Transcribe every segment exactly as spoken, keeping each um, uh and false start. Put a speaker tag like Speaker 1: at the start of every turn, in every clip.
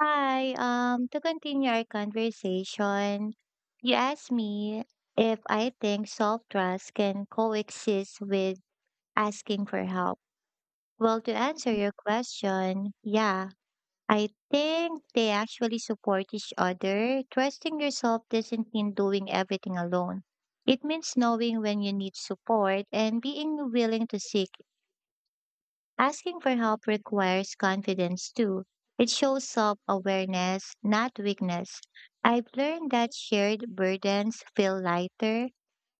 Speaker 1: Hi, um, to continue our conversation, you asked me if I think self-trust can coexist with asking for help. Well, to answer your question, yeah, I think they actually support each other. Trusting yourself doesn't mean doing everything alone. It means knowing when you need support and being willing to seek. Asking for help requires confidence too. It shows self awareness, not weakness. I've learned that shared burdens feel lighter.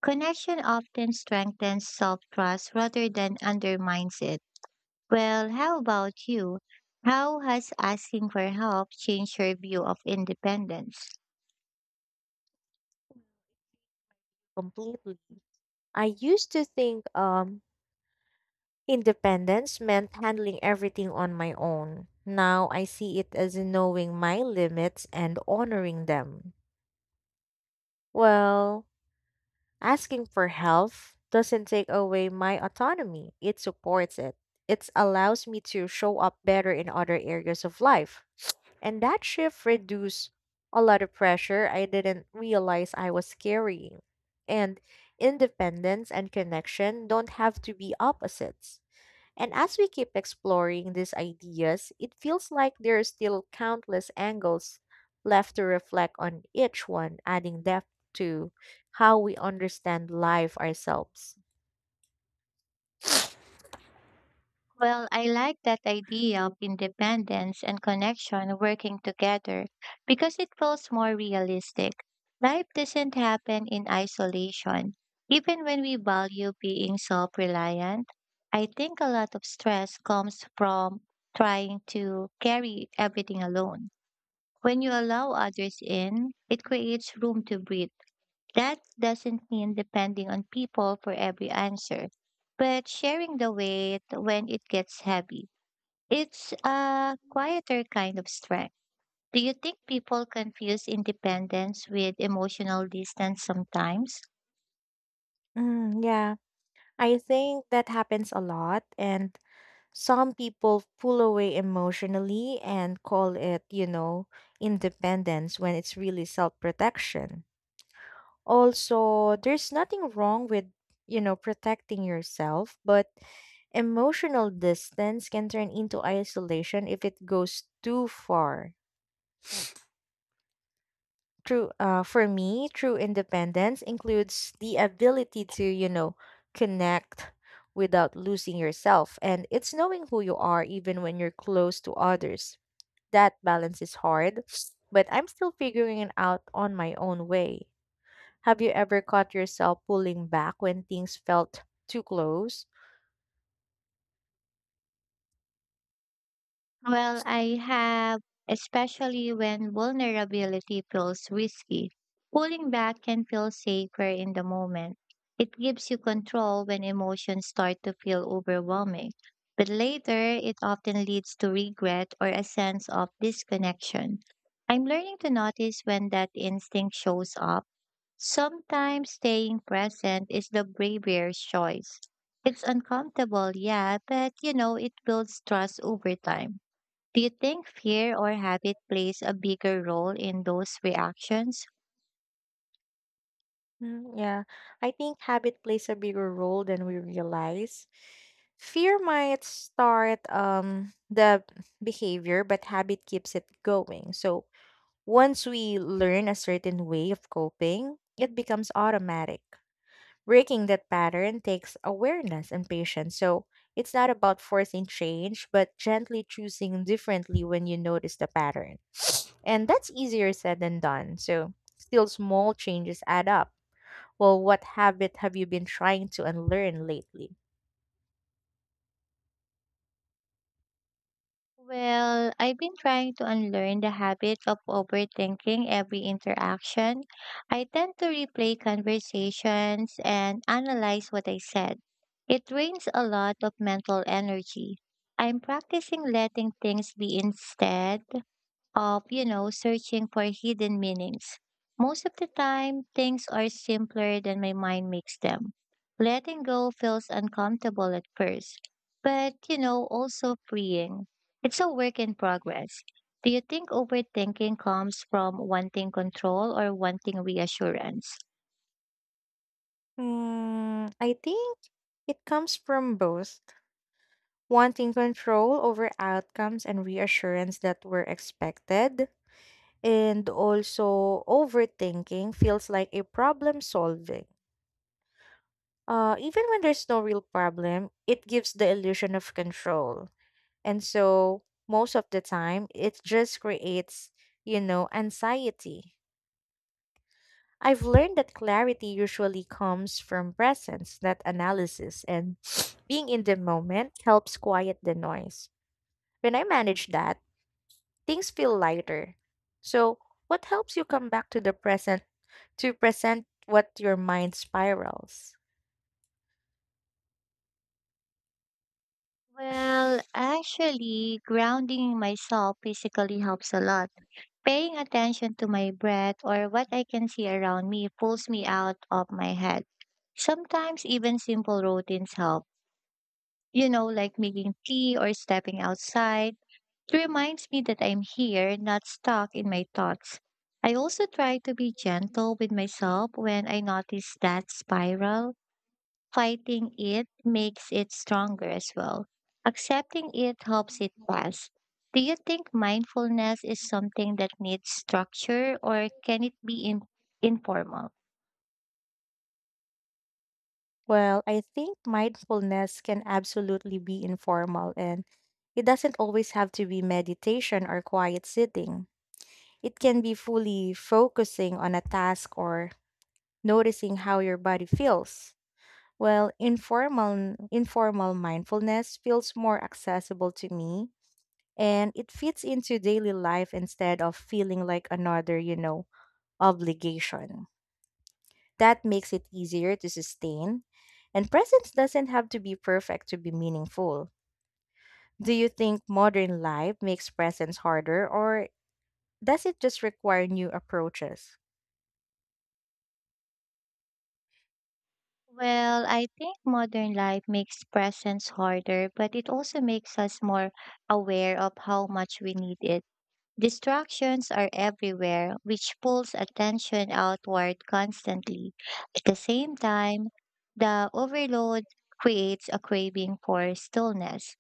Speaker 1: Connection often strengthens self trust rather than undermines it. Well, how about you? How has asking for help changed your view of independence?
Speaker 2: Completely. I used to think um independence meant handling everything on my own. Now I see it as knowing my limits and honoring them. Well, asking for help doesn't take away my autonomy. It supports it. It allows me to show up better in other areas of life. And that shift reduced a lot of pressure I didn't realize I was carrying. And independence and connection don't have to be opposites. And as we keep exploring these ideas, it feels like there are still countless angles left to reflect on each one, adding depth to how we understand life ourselves.
Speaker 1: Well, I like that idea of independence and connection working together because it feels more realistic. Life doesn't happen in isolation. Even when we value being self reliant, I think a lot of stress comes from trying to carry everything alone. When you allow others in, it creates room to breathe. That doesn't mean depending on people for every answer, but sharing the weight when it gets heavy. It's a quieter kind of strength. Do you think people confuse independence with emotional distance sometimes?
Speaker 2: Mm, yeah, I think that happens a lot. And some people pull away emotionally and call it, you know, independence when it's really self protection. Also, there's nothing wrong with, you know, protecting yourself, but emotional distance can turn into isolation if it goes too far. True, uh, for me, true independence includes the ability to, you know, connect without losing yourself. And it's knowing who you are even when you're close to others. That balance is hard, but I'm still figuring it out on my own way. Have you ever caught yourself pulling back when things felt too close?
Speaker 1: Well, I have, especially when vulnerability feels risky. Pulling back can feel safer in the moment. It gives you control when emotions start to feel overwhelming. But later, it often leads to regret or a sense of disconnection. I'm learning to notice when that instinct shows up. Sometimes staying present is the bravest choice. It's uncomfortable, yeah, but you know, it builds trust over time. Do you think fear or habit plays a bigger role in those reactions?
Speaker 2: Mm, yeah, I think habit plays a bigger role than we realize. Fear might start um, the behavior, but habit keeps it going. So once we learn a certain way of coping, it becomes automatic. Breaking that pattern takes awareness and patience. So it's not about forcing change, but gently choosing differently when you notice the pattern. And that's easier said than done. So still small changes add up. Well, what habit have you been trying to unlearn lately?
Speaker 1: Well, I've been trying to unlearn the habit of overthinking every interaction. I tend to replay conversations and analyze what I said. It drains a lot of mental energy. I'm practicing letting things be instead of, you know, searching for hidden meanings. Most of the time, things are simpler than my mind makes them. Letting go feels uncomfortable at first, but, you know, also freeing. It's a work in progress. Do you think overthinking comes from wanting control or wanting reassurance?
Speaker 2: Mm, I think it comes from both wanting control over outcomes and reassurance that were expected, and also overthinking feels like a problem solving. Uh, even when there's no real problem, it gives the illusion of control. And so most of the time, it just creates, you know, anxiety. I've learned that clarity usually comes from presence, not analysis, and being in the moment helps quiet the noise. When I manage that, things feel lighter. So, what helps you come back to the present to present what your mind spirals?
Speaker 1: Well, actually, grounding myself physically helps a lot. Paying attention to my breath or what I can see around me pulls me out of my head. Sometimes even simple routines help, you know, like making tea or stepping outside. It reminds me that I'm here, not stuck in my thoughts. I also try to be gentle with myself when I notice that spiral. Fighting it makes it stronger as well. Accepting it helps it pass. Do you think mindfulness is something that needs structure or can it be in- informal?
Speaker 2: Well, I think mindfulness can absolutely be informal, and it doesn't always have to be meditation or quiet sitting. It can be fully focusing on a task or noticing how your body feels. Well, informal informal mindfulness feels more accessible to me, and it fits into daily life instead of feeling like another, you know, obligation. That makes it easier to sustain, and presence doesn't have to be perfect to be meaningful. Do you think modern life makes presence harder, or does it just require new approaches?
Speaker 1: Well, I think modern life makes presence harder, but it also makes us more aware of how much we need it. Distractions are everywhere, which pulls attention outward constantly. At the same time, the overload creates a craving for stillness.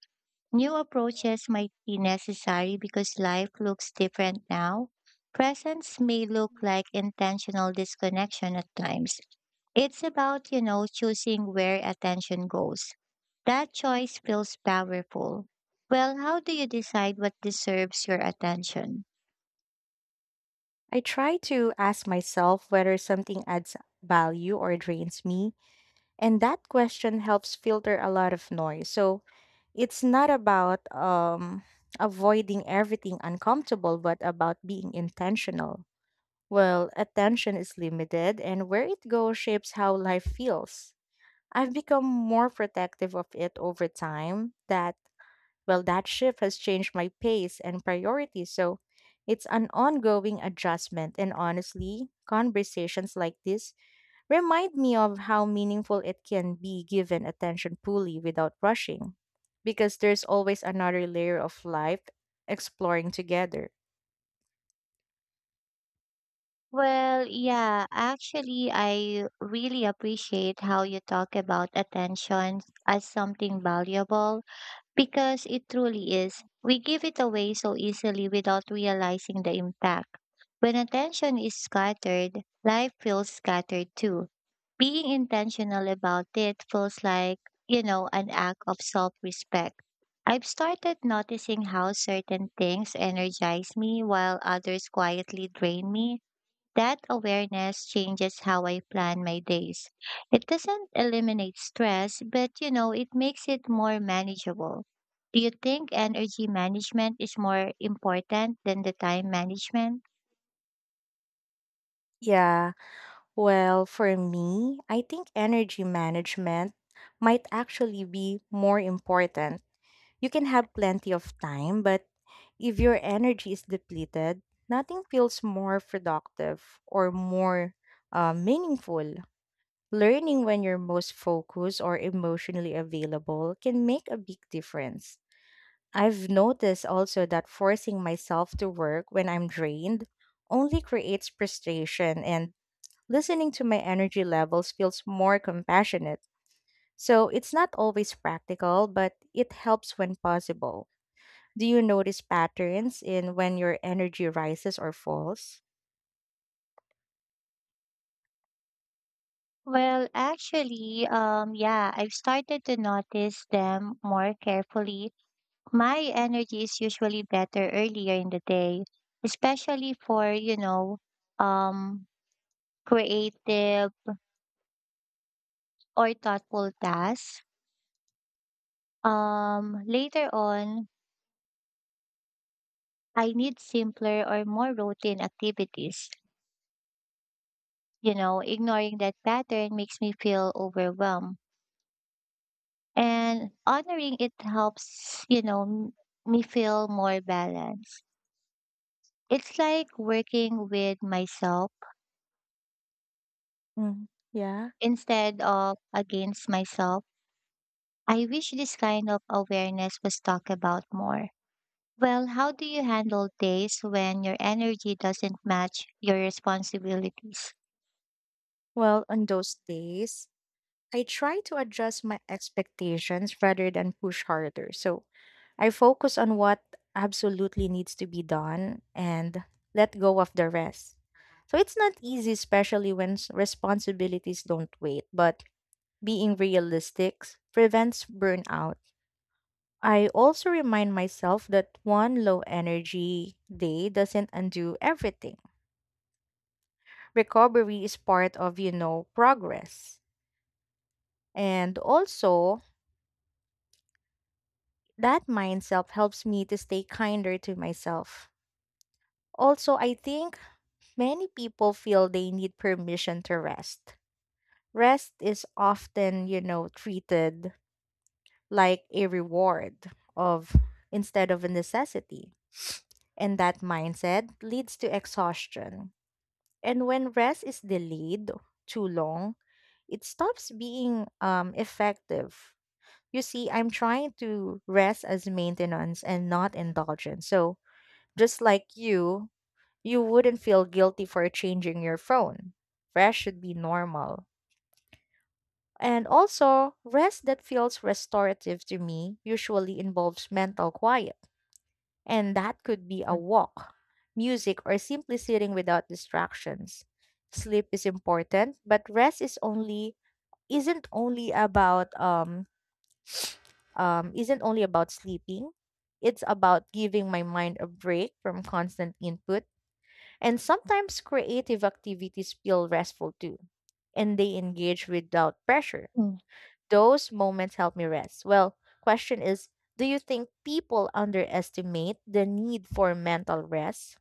Speaker 1: New approaches might be necessary because life looks different now. Presence may look like intentional disconnection at times. It's about, you know, choosing where attention goes. That choice feels powerful. Well, how do you decide what deserves your attention?
Speaker 2: I try to ask myself whether something adds value or drains me, and that question helps filter a lot of noise. So it's not about um, avoiding everything uncomfortable, but about being intentional. Well, attention is limited, and where it goes shapes how life feels. I've become more protective of it over time. That, well, that shift has changed my pace and priorities. So it's an ongoing adjustment. And honestly, conversations like this remind me of how meaningful it can be given attention fully without rushing, because there's always another layer of life exploring together.
Speaker 1: Well, yeah, actually, I really appreciate how you talk about attention as something valuable because it truly is. We give it away so easily without realizing the impact. When attention is scattered, life feels scattered too. Being intentional about it feels like, you know, an act of self respect. I've started noticing how certain things energize me while others quietly drain me, that awareness changes how I plan my days. It doesn't eliminate stress, but you know, it makes it more manageable. Do you think energy management is more important than the time management?
Speaker 2: Yeah, well, for me, I think energy management might actually be more important. You can have plenty of time, but if your energy is depleted, nothing feels more productive or more uh, meaningful. Learning when you're most focused or emotionally available can make a big difference. I've noticed also that forcing myself to work when I'm drained only creates frustration, and listening to my energy levels feels more compassionate. So it's not always practical, but it helps when possible. Do you notice patterns in when your energy rises or falls?
Speaker 1: Well, actually, um, yeah, I've started to notice them more carefully. My energy is usually better earlier in the day, especially for, you know, um, creative or thoughtful tasks. Um, later on, I need simpler or more routine activities. You know, ignoring that pattern makes me feel overwhelmed. And honoring it helps, you know, m- me feel more balanced. It's like working with myself
Speaker 2: Mm, yeah.
Speaker 1: instead of against myself. I wish this kind of awareness was talked about more. Well, how do you handle days when your energy doesn't match your responsibilities?
Speaker 2: Well, on those days, I try to adjust my expectations rather than push harder. So I focus on what absolutely needs to be done and let go of the rest. So it's not easy, especially when s- responsibilities don't wait, but being realistic prevents burnout. I also remind myself that one low energy day doesn't undo everything. Recovery is part of, you know, progress. And also, that mindset helps me to stay kinder to myself. Also, I think many people feel they need permission to rest. Rest is often, you know, treated like a reward of instead of a necessity. And that mindset leads to exhaustion. And when rest is delayed too long, it stops being um, effective. You see, I'm trying to rest as maintenance and not indulgence. So, just like you, you wouldn't feel guilty for changing your phone. Rest should be normal. And also, rest that feels restorative to me usually involves mental quiet. And that could be a walk, music, or simply sitting without distractions. Sleep is important, but rest is only isn't only about um um isn't only about sleeping. It's about giving my mind a break from constant input. And sometimes creative activities feel restful too, and they engage without pressure.
Speaker 1: Mm.
Speaker 2: Those moments help me rest. Well, question is, do you think people underestimate the need for mental rest?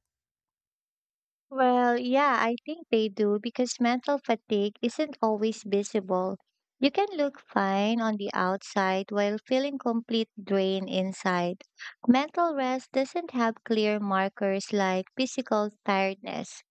Speaker 1: Well, yeah, I think they do because mental fatigue isn't always visible. You can look fine on the outside while feeling complete drain inside. Mental rest doesn't have clear markers like physical tiredness.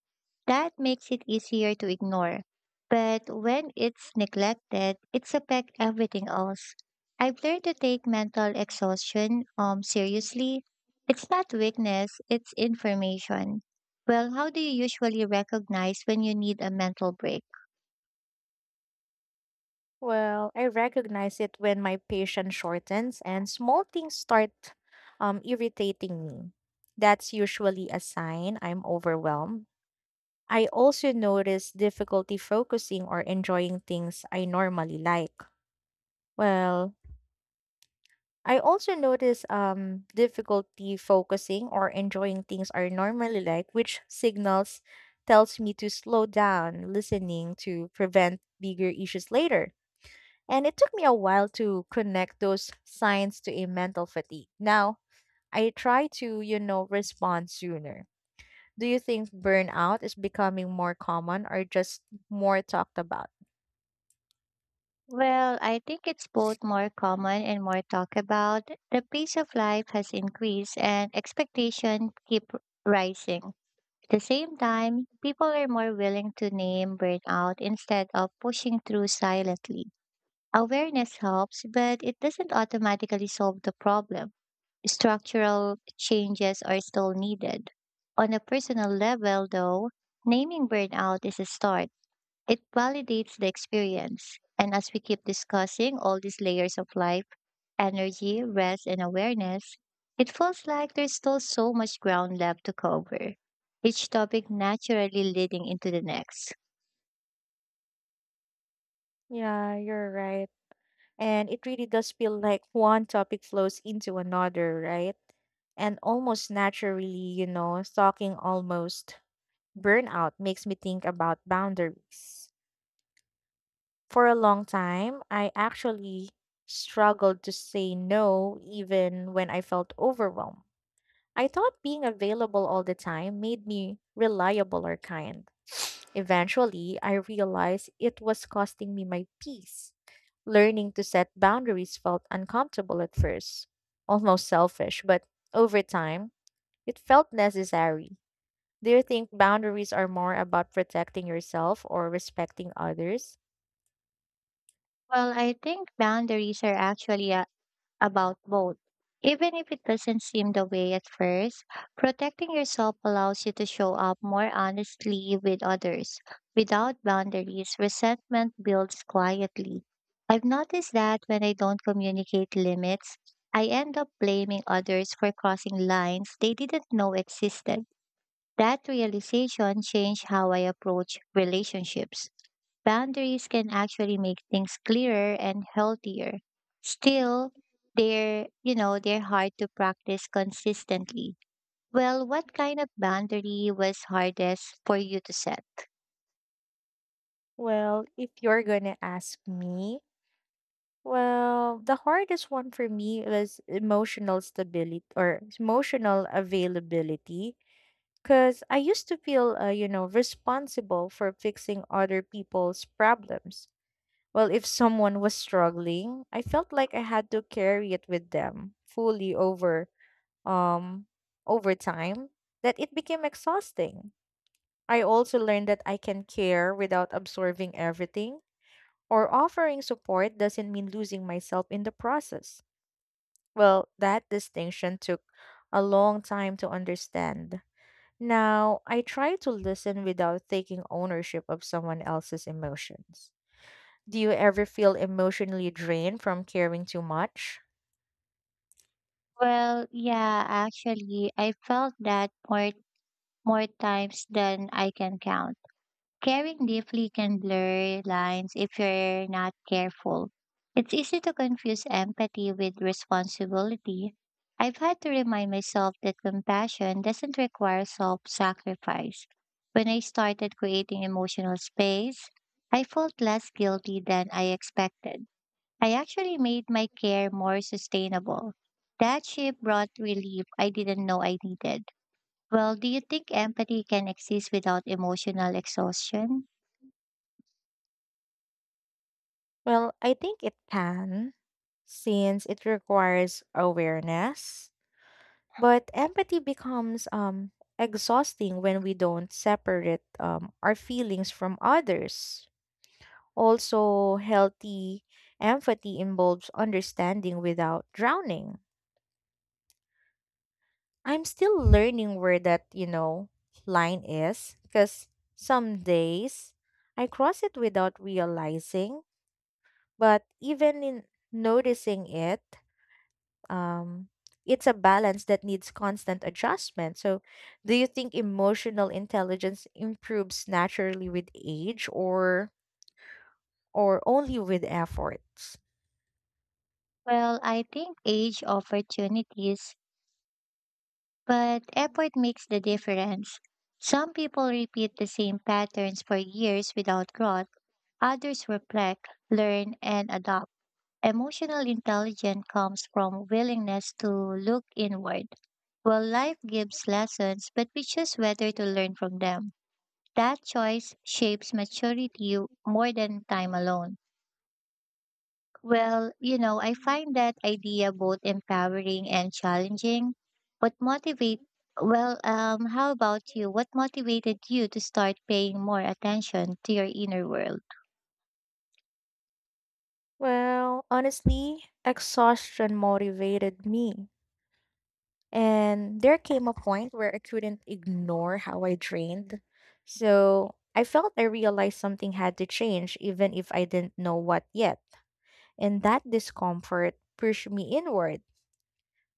Speaker 1: That makes it easier to ignore. But when it's neglected, it affects everything else. I've learned to take mental exhaustion um seriously. It's not weakness, it's information. Well, how do you usually recognize when you need a mental break?
Speaker 2: Well, I recognize it when my patience shortens and small things start um, irritating me. That's usually a sign I'm overwhelmed. I also notice difficulty focusing or enjoying things I normally like. Well, I also notice um, difficulty focusing or enjoying things I normally like, which signals tells me to slow down listening to prevent bigger issues later. And it took me a while to connect those signs to a mental fatigue. Now, I try to, you know, respond sooner. Do you think burnout is becoming more common or just more talked about?
Speaker 1: Well, I think it's both more common and more talked about. The pace of life has increased and expectation keep rising. At the same time, people are more willing to name burnout instead of pushing through silently. Awareness helps, but it doesn't automatically solve the problem. Structural changes are still needed. On a personal level, though, naming burnout is a start. It validates the experience. And as we keep discussing all these layers of life, energy, rest, and awareness, it feels like there's still so much ground left to cover, each topic naturally leading into the next.
Speaker 2: Yeah, you're right. And it really does feel like one topic flows into another, right? And almost naturally, you know, talking almost burnout makes me think about boundaries. For a long time, I actually struggled to say no even when I felt overwhelmed. I thought being available all the time made me reliable or kind. Eventually, I realized it was costing me my peace. Learning to set boundaries felt uncomfortable at first, almost selfish, but over time, it felt necessary. Do you think boundaries are more about protecting yourself or respecting others?
Speaker 1: Well, I think boundaries are actually a about both. Even if it doesn't seem the way at first, protecting yourself allows you to show up more honestly with others. Without boundaries, resentment builds quietly. I've noticed that when I don't communicate limits, I end up blaming others for crossing lines they didn't know existed. That realization changed how I approach relationships. Boundaries can actually make things clearer and healthier. Still, they're, you know, they're hard to practice consistently. Well, what kind of boundary was hardest for you to set?
Speaker 2: Well, if you're gonna ask me, well, the hardest one for me was emotional stability or emotional availability. Because I used to feel, uh, you know, responsible for fixing other people's problems. Well, if someone was struggling, I felt like I had to carry it with them fully over, um, over time. That it became exhausting. I also learned that I can care without absorbing everything or offering support doesn't mean losing myself in the process. Well, that distinction took a long time to understand. Now, I try to listen without taking ownership of someone else's emotions. Do you ever feel emotionally drained from caring too much?
Speaker 1: Well, yeah, actually, I felt that more more times than I can count. Caring deeply can blur lines if you're not careful. It's easy to confuse empathy with responsibility. I've had to remind myself that compassion doesn't require self sacrifice. When I started creating emotional space, I felt less guilty than I expected. I actually made my care more sustainable. That shift brought relief I didn't know I needed. Well, do you think empathy can exist without emotional exhaustion?
Speaker 2: Well, I think it can, since it requires awareness. But empathy becomes um, exhausting when we don't separate um, our feelings from others. Also, healthy empathy involves understanding without drowning. I'm still learning where that, you know, line is because some days I cross it without realizing, but even in noticing it, um, it's a balance that needs constant adjustment. So, do you think emotional intelligence improves naturally with age, or or only with efforts?
Speaker 1: Well, I think age opportunities, but effort makes the difference. Some people repeat the same patterns for years without growth. Others reflect, learn, and adopt. Emotional intelligence comes from willingness to look inward. Well, life gives lessons, but we choose whether to learn from them. That choice shapes maturity more than time alone. Well, you know, I find that idea both empowering and challenging. What motivate well, um, how about you? What motivated you to start paying more attention to your inner world?
Speaker 2: Well, honestly, exhaustion motivated me. And there came a point where I couldn't ignore how I drained. So I felt I realized something had to change, even if I didn't know what yet. And that discomfort pushed me inward.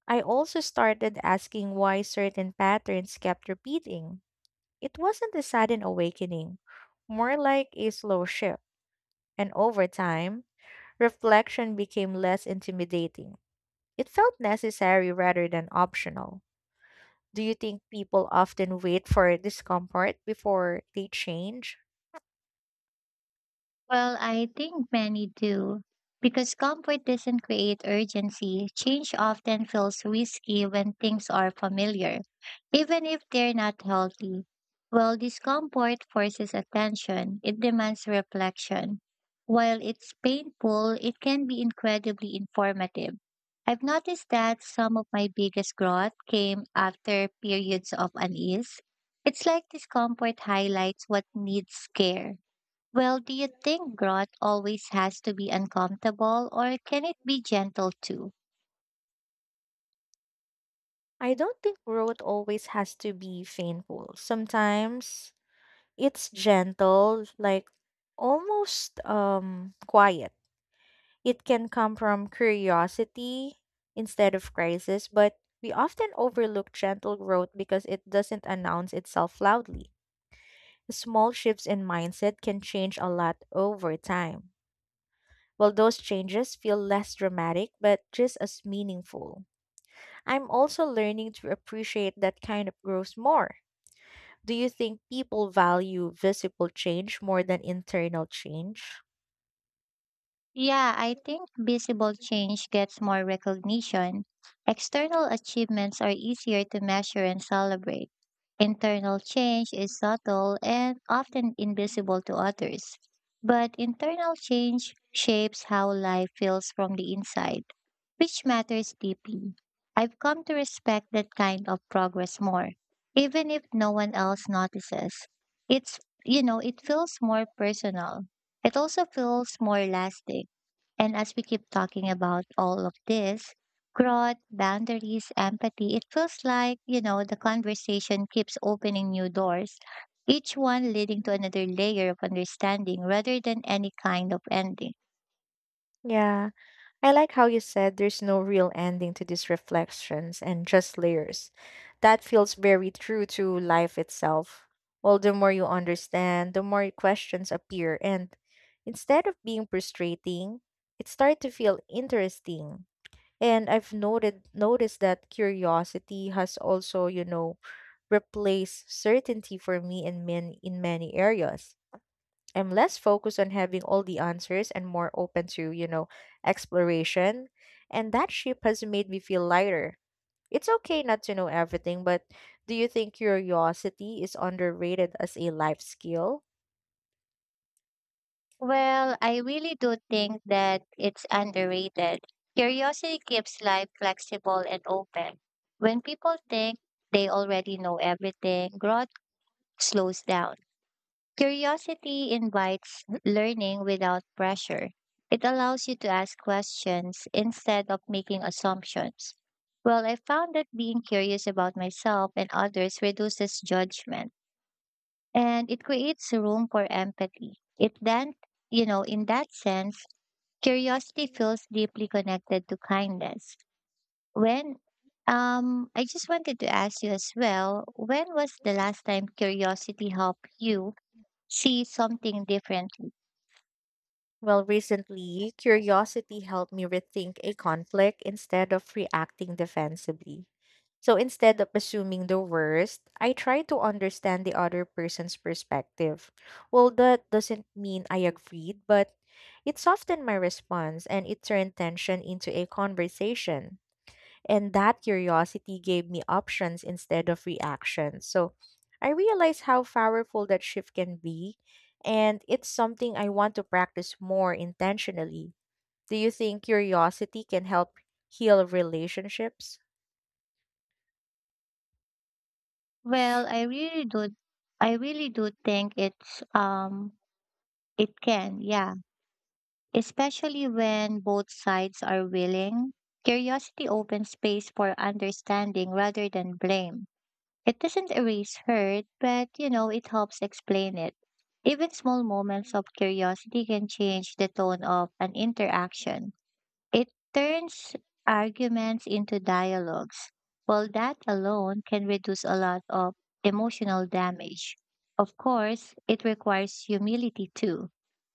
Speaker 2: I also started asking why certain patterns kept repeating. It wasn't a sudden awakening, more like a slow shift. And over time, reflection became less intimidating. It felt necessary rather than optional. Do you think people often wait for discomfort before they change?
Speaker 1: Well, I think many do. Because comfort doesn't create urgency, change often feels risky when things are familiar, even if they're not healthy. While discomfort forces attention, it demands reflection. While it's painful, it can be incredibly informative. I've noticed that some of my biggest growth came after periods of unease. It's like discomfort highlights what needs care. Well, do you think growth always has to be uncomfortable or can it be gentle too?
Speaker 2: I don't think growth always has to be painful. Sometimes it's gentle, like almost um quiet. It can come from curiosity instead of crisis, but we often overlook gentle growth because it doesn't announce itself loudly. Small shifts in mindset can change a lot over time. Well, those changes feel less dramatic, but just as meaningful. I'm also learning to appreciate that kind of growth more. Do you think people value visible change more than internal change?
Speaker 1: Yeah, I think visible change gets more recognition. External achievements are easier to measure and celebrate. Internal change is subtle and often invisible to others. But internal change shapes how life feels from the inside, which matters deeply. I've come to respect that kind of progress more, even if no one else notices. It's, you know, it feels more personal. It also feels more lasting. And as we keep talking about all of this, growth, boundaries, empathy, it feels like, you know, the conversation keeps opening new doors, each one leading to another layer of understanding rather than any kind of ending.
Speaker 2: Yeah, I like how you said there's no real ending to these reflections and just layers. That feels very true to life itself. Well, the more you understand, the more questions appear, and instead of being frustrating, it starts to feel interesting. And I've noted noticed that curiosity has also, you know, replaced certainty for me in many in many areas. I'm less focused on having all the answers and more open to, you know, exploration. And that shift has made me feel lighter. It's okay not to know everything, but do you think curiosity is underrated as a life skill?
Speaker 1: Well, I really do think that it's underrated. Curiosity keeps life flexible and open. When people think they already know everything, growth slows down. Curiosity invites learning without pressure. It allows you to ask questions instead of making assumptions. Well, I found that being curious about myself and others reduces judgment and it creates room for empathy. It then, you know, in that sense, curiosity feels deeply connected to kindness. When um I just wanted to ask you as well, when was the last time curiosity helped you see something differently?
Speaker 2: Well, recently, curiosity helped me rethink a conflict instead of reacting defensively. So instead of assuming the worst, I try to understand the other person's perspective. Well, that doesn't mean I agreed, but it softened my response and it turned tension into a conversation. And that curiosity gave me options instead of reactions. So I realized how powerful that shift can be, and it's something I want to practice more intentionally. Do you think curiosity can help heal relationships?
Speaker 1: Well, I really do I really do think it's um it can, yeah. Especially when both sides are willing. Curiosity opens space for understanding rather than blame. It doesn't erase hurt, but you know, it helps explain it. Even small moments of curiosity can change the tone of an interaction. It turns arguments into dialogues. Well, that alone can reduce a lot of emotional damage. Of course, it requires humility too.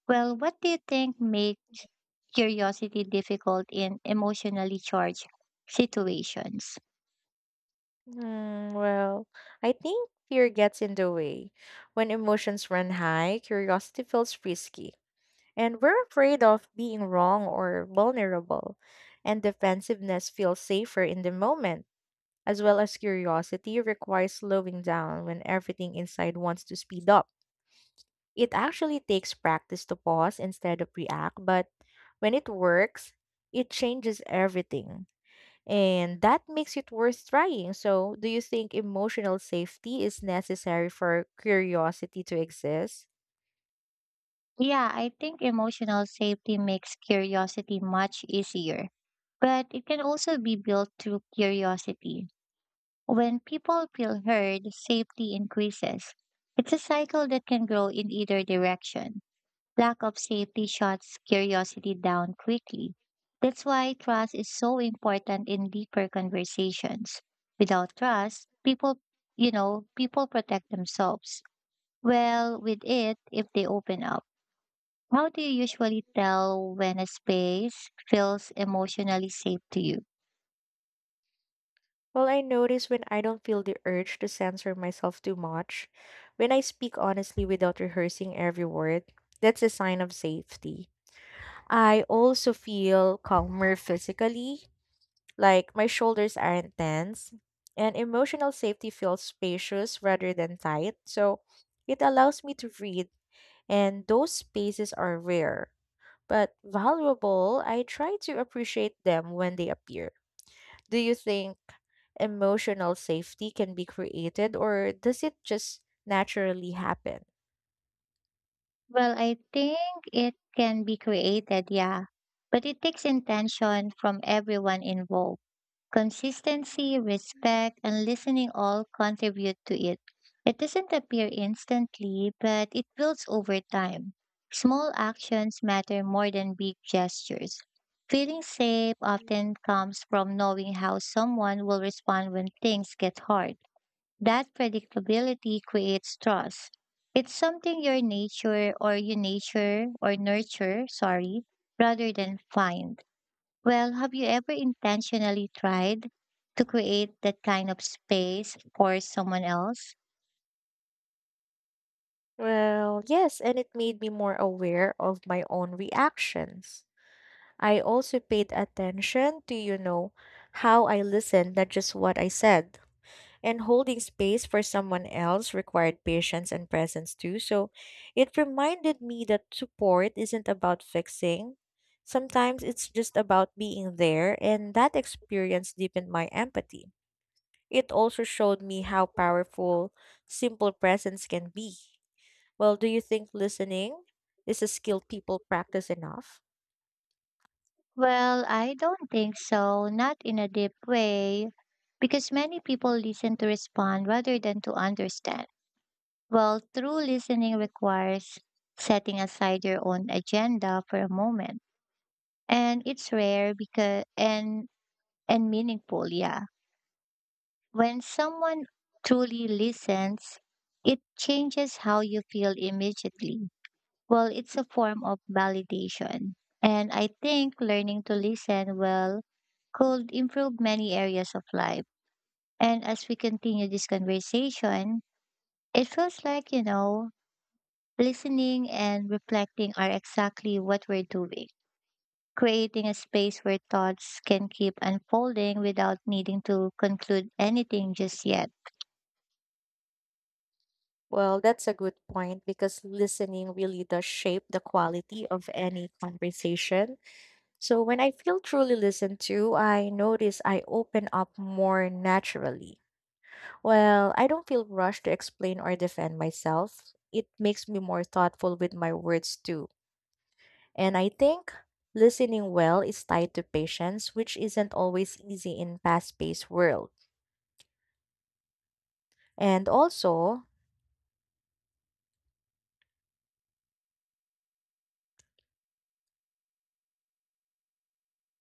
Speaker 1: Well, what do you think makes curiosity difficult in emotionally charged situations?
Speaker 2: Mm, well, I think fear gets in the way. When emotions run high, curiosity feels risky, and we're afraid of being wrong or vulnerable, and defensiveness feels safer in the moment, as well as curiosity requires slowing down when everything inside wants to speed up. It actually takes practice to pause instead of react, but when it works, it changes everything. And that makes it worth trying. So, do you think emotional safety is necessary for curiosity to exist?
Speaker 1: Yeah, I think emotional safety makes curiosity much easier, but it can also be built through curiosity. When people feel heard, safety increases. It's a cycle that can grow in either direction. Lack of safety shuts curiosity down quickly. That's why trust is so important in deeper conversations. Without trust, people, you know, people protect themselves. Well, with it, if they open up. How do you usually tell when a space feels emotionally safe to you?
Speaker 2: Well, I notice when I don't feel the urge to censor myself too much, when I speak honestly without rehearsing every word, that's a sign of safety. I also feel calmer physically, like my shoulders aren't tense, and emotional safety feels spacious rather than tight. So, it allows me to breathe, and those spaces are rare but valuable. I try to appreciate them when they appear. Do you think emotional safety can be created or does it just naturally happen?
Speaker 1: Well, I think it can be created, yeah, but it takes intention from everyone involved. Consistency, respect, and listening all contribute to it. It doesn't appear instantly, but it builds over time. Small actions matter more than big gestures. Feeling safe often comes from knowing how someone will respond when things get hard. That predictability creates trust. It's something your nature or you nature or nurture, sorry, rather than find. Well, have you ever intentionally tried to create that kind of space for someone else?
Speaker 2: Well, yes, and it made me more aware of my own reactions. I also paid attention to, you know, how I listened, not just what I said. And holding space for someone else required patience and presence too. So it reminded me that support isn't about fixing. Sometimes it's just about being there, and that experience deepened my empathy. It also showed me how powerful simple presence can be. Well, do you think listening is a skill people practice enough?
Speaker 1: Well, I don't think so, not in a deep way, because many people listen to respond rather than to understand. Well, true listening requires setting aside your own agenda for a moment, and it's rare because, and and meaningful, yeah, when someone truly listens it changes how you feel immediately. Well, it's a form of validation, and I think learning to listen well could improve many areas of life. And as we continue this conversation, it feels like, you know listening and reflecting are exactly what we're doing, creating a space where thoughts can keep unfolding without needing to conclude anything just yet.
Speaker 2: Well, that's a good point because listening really does shape the quality of any conversation. So when I feel truly listened to, I notice I open up more naturally. Well, I don't feel rushed to explain or defend myself. It makes me more thoughtful with my words too. And I think listening well is tied to patience, which isn't always easy in fast-paced world. And also,